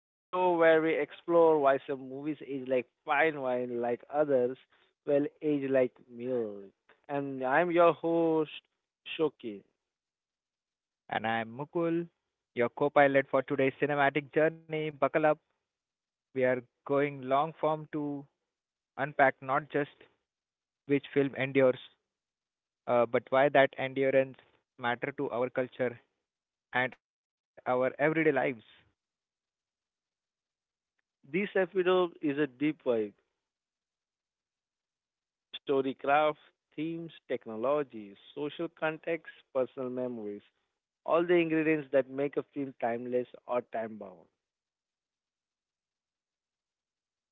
the show where we explore why some movies age like fine wine, like others will age like milk. And I'm your host, Shoki. And I'm Mukul, your co pilot for today's cinematic journey. Buckle up, we are going long form to unpack not just which film endures, but why that endurance matter to our culture and our everyday lives. This episode is a deep dive: storycraft, themes, technology, social context, personal memories, all the ingredients that make a film timeless or time bound.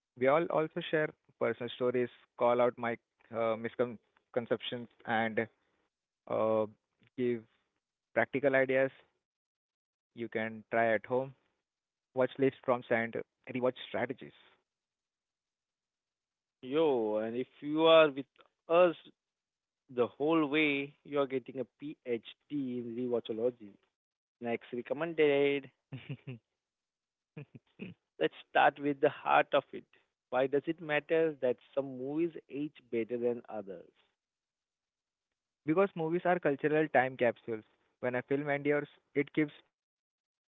We all also share personal stories, call out my misconceptions, and uh, give practical ideas you can try at home, watch list prompts, and rewatch strategies. Yo, and if you are with us the whole way you're getting a PhD in rewatchology. Next recommended. Let's start with the heart of it. Why does it matter that some movies age better than others? Because movies are cultural time capsules. When a film endures, it keeps speaking and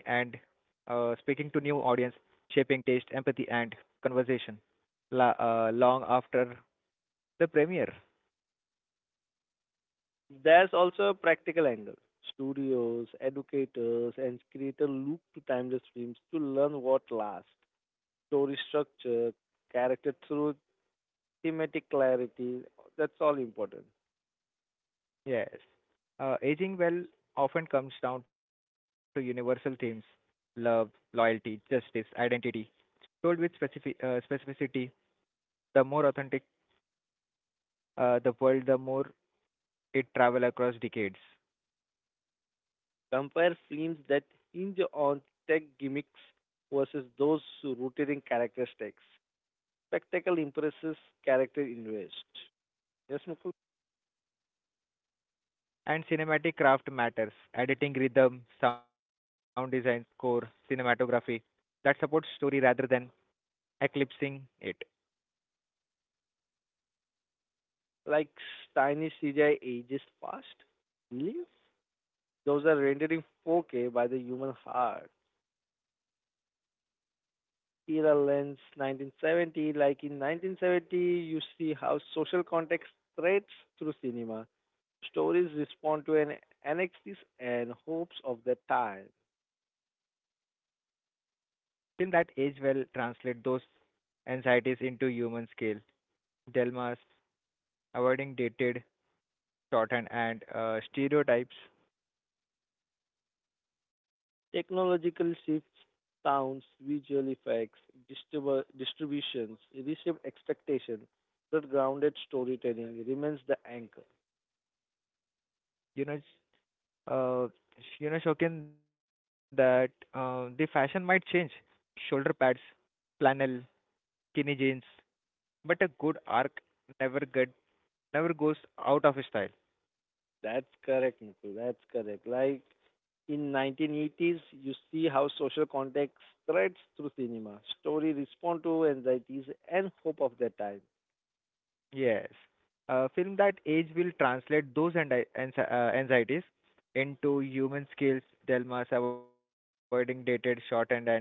speaking to new audience, shaping taste, empathy, and conversation long after the premiere. There's also a practical angle. Studios, educators, and creators look to timeless films to learn what lasts. Story structure, character truth, thematic clarity, that's all important. Yes, aging well often comes down to universal themes: love, loyalty, justice, identity. Told with specificity, the more authentic the world, the more it travel across decades. Compare films that hinge on tech gimmicks versus those rooted in characteristics. Spectacle impresses, character invest. Yes, Mukul? And cinematic craft matters. Editing rhythm, sound design, score, cinematography that supports story rather than eclipsing it. Like tiny CGI ages fast. Millions? Those are rendered in 4K by the human heart. Era lens 1970. Like in 1970, you see how social context threads through cinema. Stories respond to an anxieties and hopes of their time. Film that age well translate those anxieties into human scale. Delmas avoiding dated, shorthand and stereotypes. Technological shifts, sounds, visual effects, distributions, reshape expectations, but grounded storytelling remains the anchor. You know, uh, you know, Shokin, that the fashion might change. Shoulder pads, flannel, skinny jeans, but a good arc never get never goes out of style. That's correct, Mukul. That's correct. Like in 1980s, you see how social context threads through cinema. Story respond to anxieties and hope of their time. Yes. A film that age will translate those anxieties into human skills, dilemmas, avoiding dated, shorthand, and stereotypes.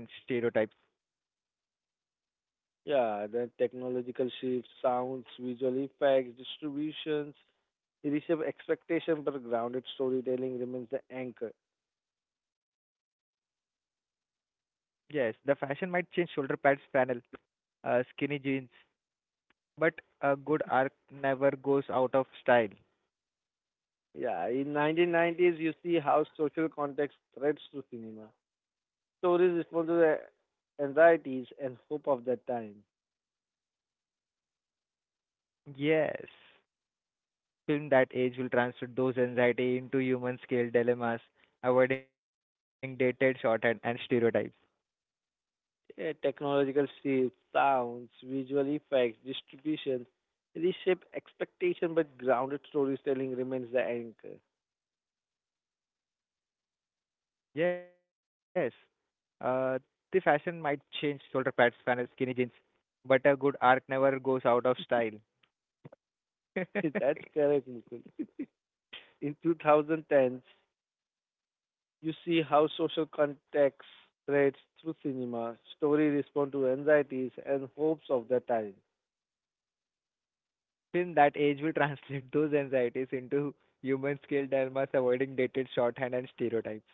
Yeah, the technological shifts, sounds, visual effects, distributions, reshape expectation, but grounded storytelling remains the anchor. Yes, the fashion might change shoulder pads, flannel, skinny jeans, but a good arc never goes out of style. Yeah, in 1990s, you see how social context threads to cinema. Stories respond to the anxieties and hope of that time. Yes. Film that age will translate those anxiety into human scale dilemmas, avoiding dated, shorthand, and stereotypes. Yeah, technological shifts, sounds, visual effects, distribution reshape expectation, but grounded storytelling remains the anchor. Yes. Uh, the fashion might change shoulder pads, flannel, skinny jeans, but a good arc never goes out of style. That's correct, Mukul. In 2010, you see how social context threads through cinema. Story respond to anxieties and hopes of the time. Till that age, will translate those anxieties into human scale dilemmas, avoiding dated shorthand and stereotypes.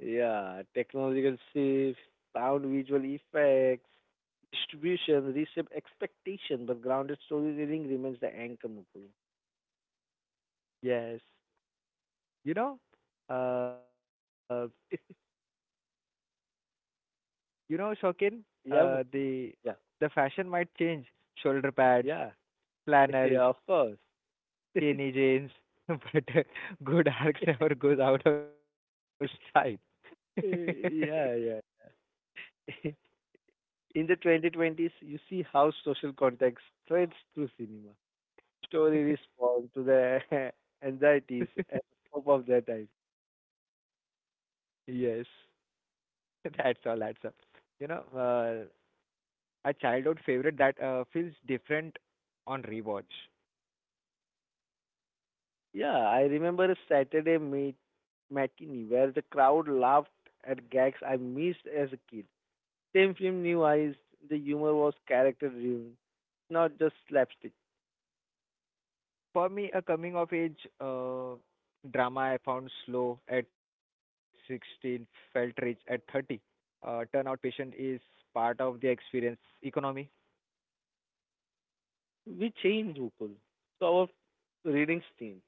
Yeah, technological shifts, sound visual effects, distribution, reshape expectation, but grounded storytelling remains the anchor, Mukul. Yes. You know, uh, you know, Shokin, Yeah, uh, Mukul. the Yeah, the fashion might change. Shoulder pads, yeah, flannels, yeah, of course. yeah, skinny jeans, but uh, good arcs never goes out of style. yeah. In the 2020s, you see how social context threads through cinema. Story responds to the anxieties and hope of that. Yes, that's all. That's all. You know, uh, a childhood favorite that feels different on rewatch. Yeah, I remember a matinee where the crowd laughed at gags I missed as a kid. Same film, new eyes. The humor was character-driven, not just slapstick. For me, a coming of age drama I found slow at 16, felt rich at 30. Turnout patient is part of the experience economy. We changed, Upal. So our readings changed.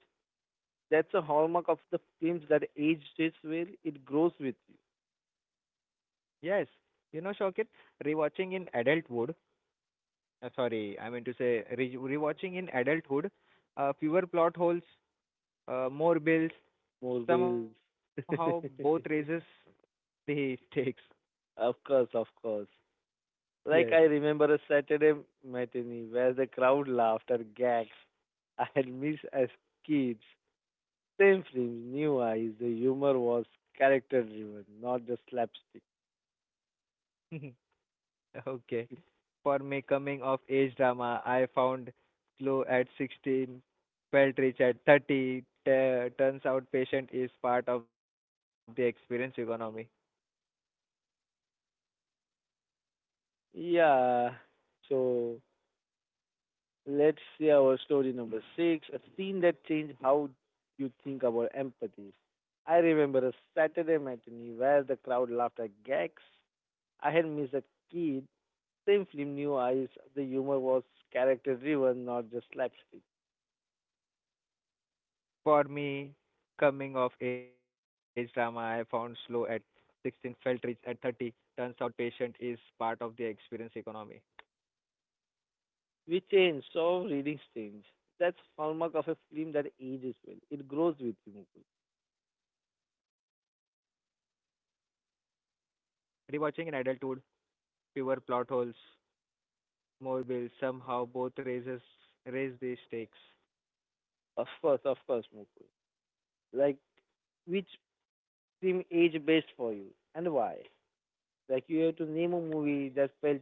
That's a hallmark of the films that age stays well. It grows with you. Yes, you know, Shokit, rewatching in adulthood, sorry, I mean to say re- rewatching in adulthood, fewer plot holes, more bills, More wheels. somehow both raises the stakes. of course, of course. Like Yes. I remember a Saturday matinee where the crowd laughed at gags I had missed as kids. Same films, new eyes. The humor was character driven, not just slapstick. Okay. For me, coming of age drama, I found Glow at 16, felt rich at 30. Turns out patient is part of the experience economy. Yeah. So let's see our story number six. A scene that changed how you think about empathy. I remember a Saturday matinee where the crowd laughed at gags I had missed as kids. Same film new eyes, the humor was character driven, not just slapstick. For me, coming of age drama, I found Slow at 16, felt rich at 30. Turns out patient is part of the experience economy. We change, so readings change. That's hallmark of a film that ages well. It grows with you, Mukul. Rewatching in adulthood, fewer plot holes, more will somehow both raise the stakes. Of course, Mukul. Like, which film age best for you and why? Like, you have to name a movie that felt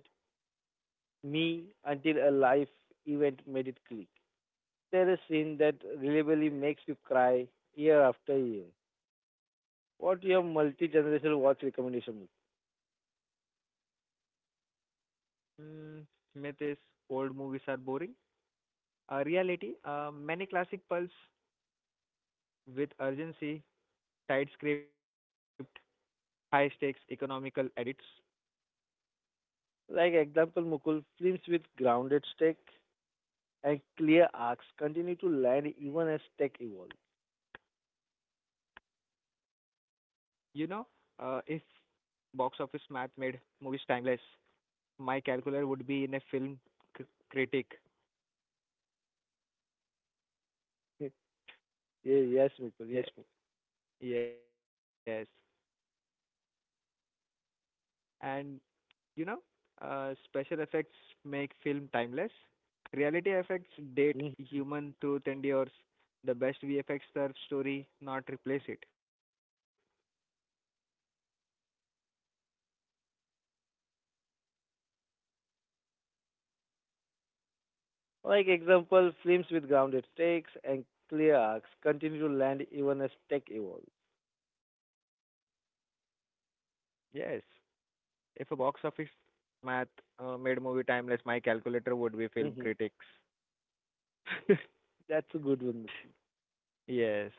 me until a life event made it click. There is a scene that reliably makes you cry year after year. What your multi-generational watch recommendation? Mm, myth is old movies are boring. Many classic pulse with urgency, tight script, high stakes, economical edits. Like example, Mukul, films with grounded stakes and clear arcs continue to land even as tech evolves. You know, if box office math made movies timeless, my calculator would be in a c- critic. Yes, Mukul, yes, Yeah, Mukul. yes, and you know, special effects make film timeless. Reality effects date Mhm. human truth endures. The best VFX serve story, not replace it. Like example, films with grounded stakes and clear arcs continue to land even as tech evolves. Yes, if a box office math made movie timeless, my calculator would be film Hmm. critics. That's a good one. Yes.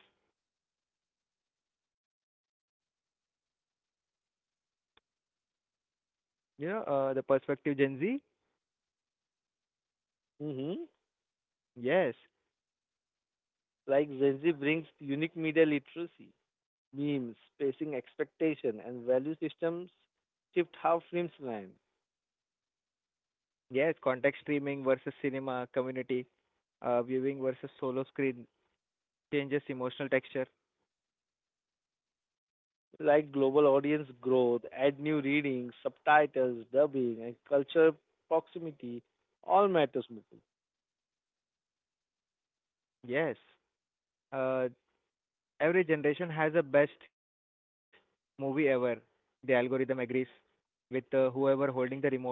The perspective Gen Z? Mm-hmm. Yes. Like Gen Z brings unique media literacy, memes, spacing expectation, and value systems shift how films land. Yes, contact streaming versus cinema, community, viewing versus solo screen changes emotional texture. Like global audience growth, add new readings, subtitles, dubbing, and culture proximity all matters, Mukul. Yes. Uh, every generation has a best movie ever. The algorithm agrees with whoever holding the remote.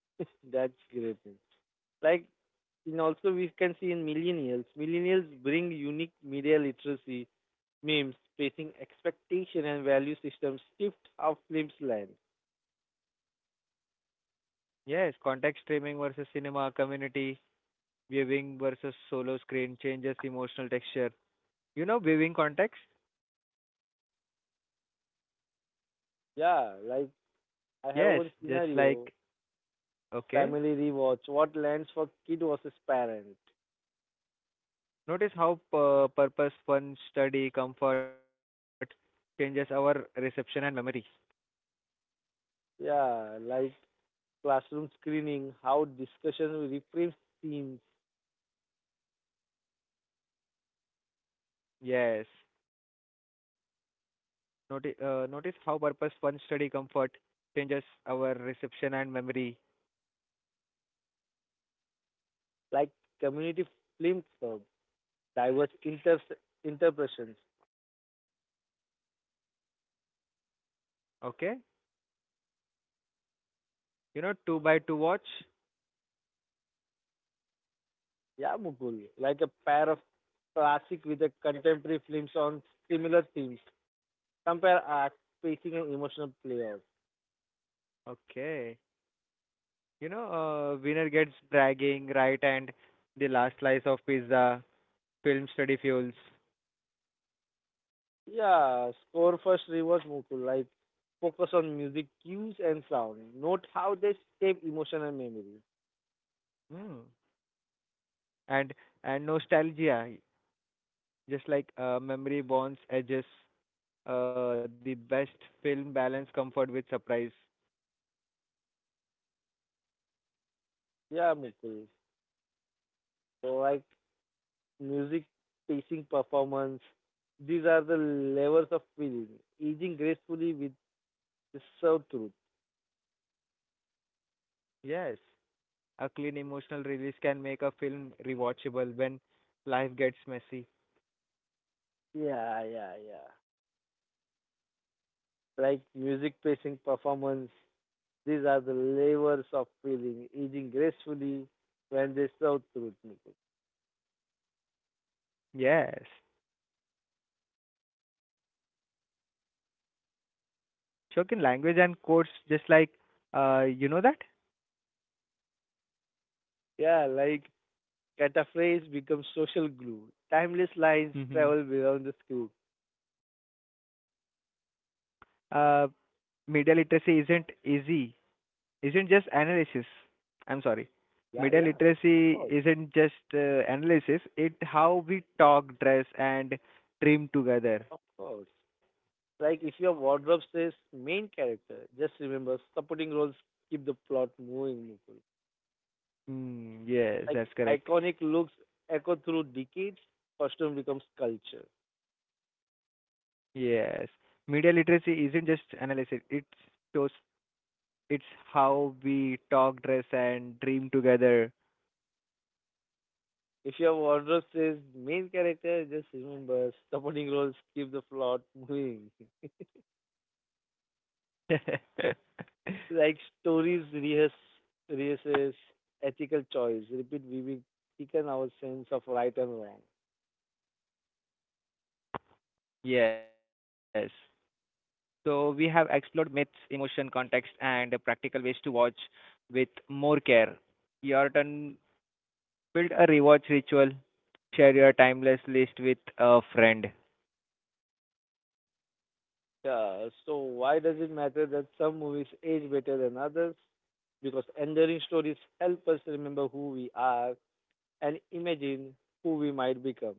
That's great, man. Like, in also we can see in millennials bring unique media literacy, memes, facing expectation and value systems shift how films land. Yes, contact streaming versus cinema, community viewing versus solo screen changes emotional texture. You know viewing context? Yeah, like I have Yes, one just like scenario, okay. family rewatch, what lands for kid versus parent. Notice how purpose, fun, study, comfort changes our reception and memory. Yeah, like classroom screening, how discussion reframes themes Yes. Notice how purpose, fun, study, comfort changes our reception and memory. like community film club, diverse inter- interpretations. Okay? You know, two by two watch? Yeah, Mukul, like a pair of classic with a contemporary films on similar themes. Compare art, pacing, and emotional playoff. Okay. Winner gets bragging, right, and the last slice of pizza, film study fuels. Yeah, score first reverse Mukul, like focus on music cues and sound. Note how they shape emotion and memory. Hmm. And and nostalgia, just like memory bonds edges, the best film balance comfort with surprise. Yeah, Mukul. So like music, pacing, performance. These are the levels of feeling, aging gracefully with the served truth. Yes, a clean emotional release can make a film rewatchable when life gets messy. Yeah. Like music, pacing, performance. These are the levels of feeling, aging gracefully when they serve truth. Nikhil. Yes, Shokin language and quotes, just like you know that. Yeah, like cataphrase becomes social glue. Timeless lines Mm-hmm. travel beyond the screen. Uh, media literacy isn't easy, isn't just analysis. I'm sorry. Yeah, Media yeah. Of literacy course, isn't just analysis, it how we talk, dress, and dream together. of course. Like if your wardrobe says main character, just remember supporting roles keep the plot moving. Mukul. Mm, yes, Like that's correct. iconic looks echo through decades, costume becomes culture. Yes. Media literacy isn't just analysis, shows it's how we talk, dress, and dream together. If your wardrobe says main character, just remember supporting roles keep the plot moving. like stories rehearse rehearses ethical choice, repeat we will thicken our sense of right and wrong. Yes. So we have explored myths, emotion, context, and practical ways to watch with more care. Your turn. Build a rewatch ritual. Share your timeless list with a friend. Yeah, so why does it matter that some movies age better than others? Because enduring stories help us remember who we are and imagine who we might become.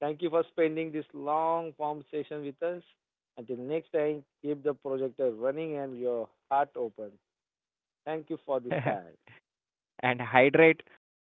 Thank you for spending this long form session with us. Until next time, keep the projector running and your heart open. Thank you for this time. And hydrate. Film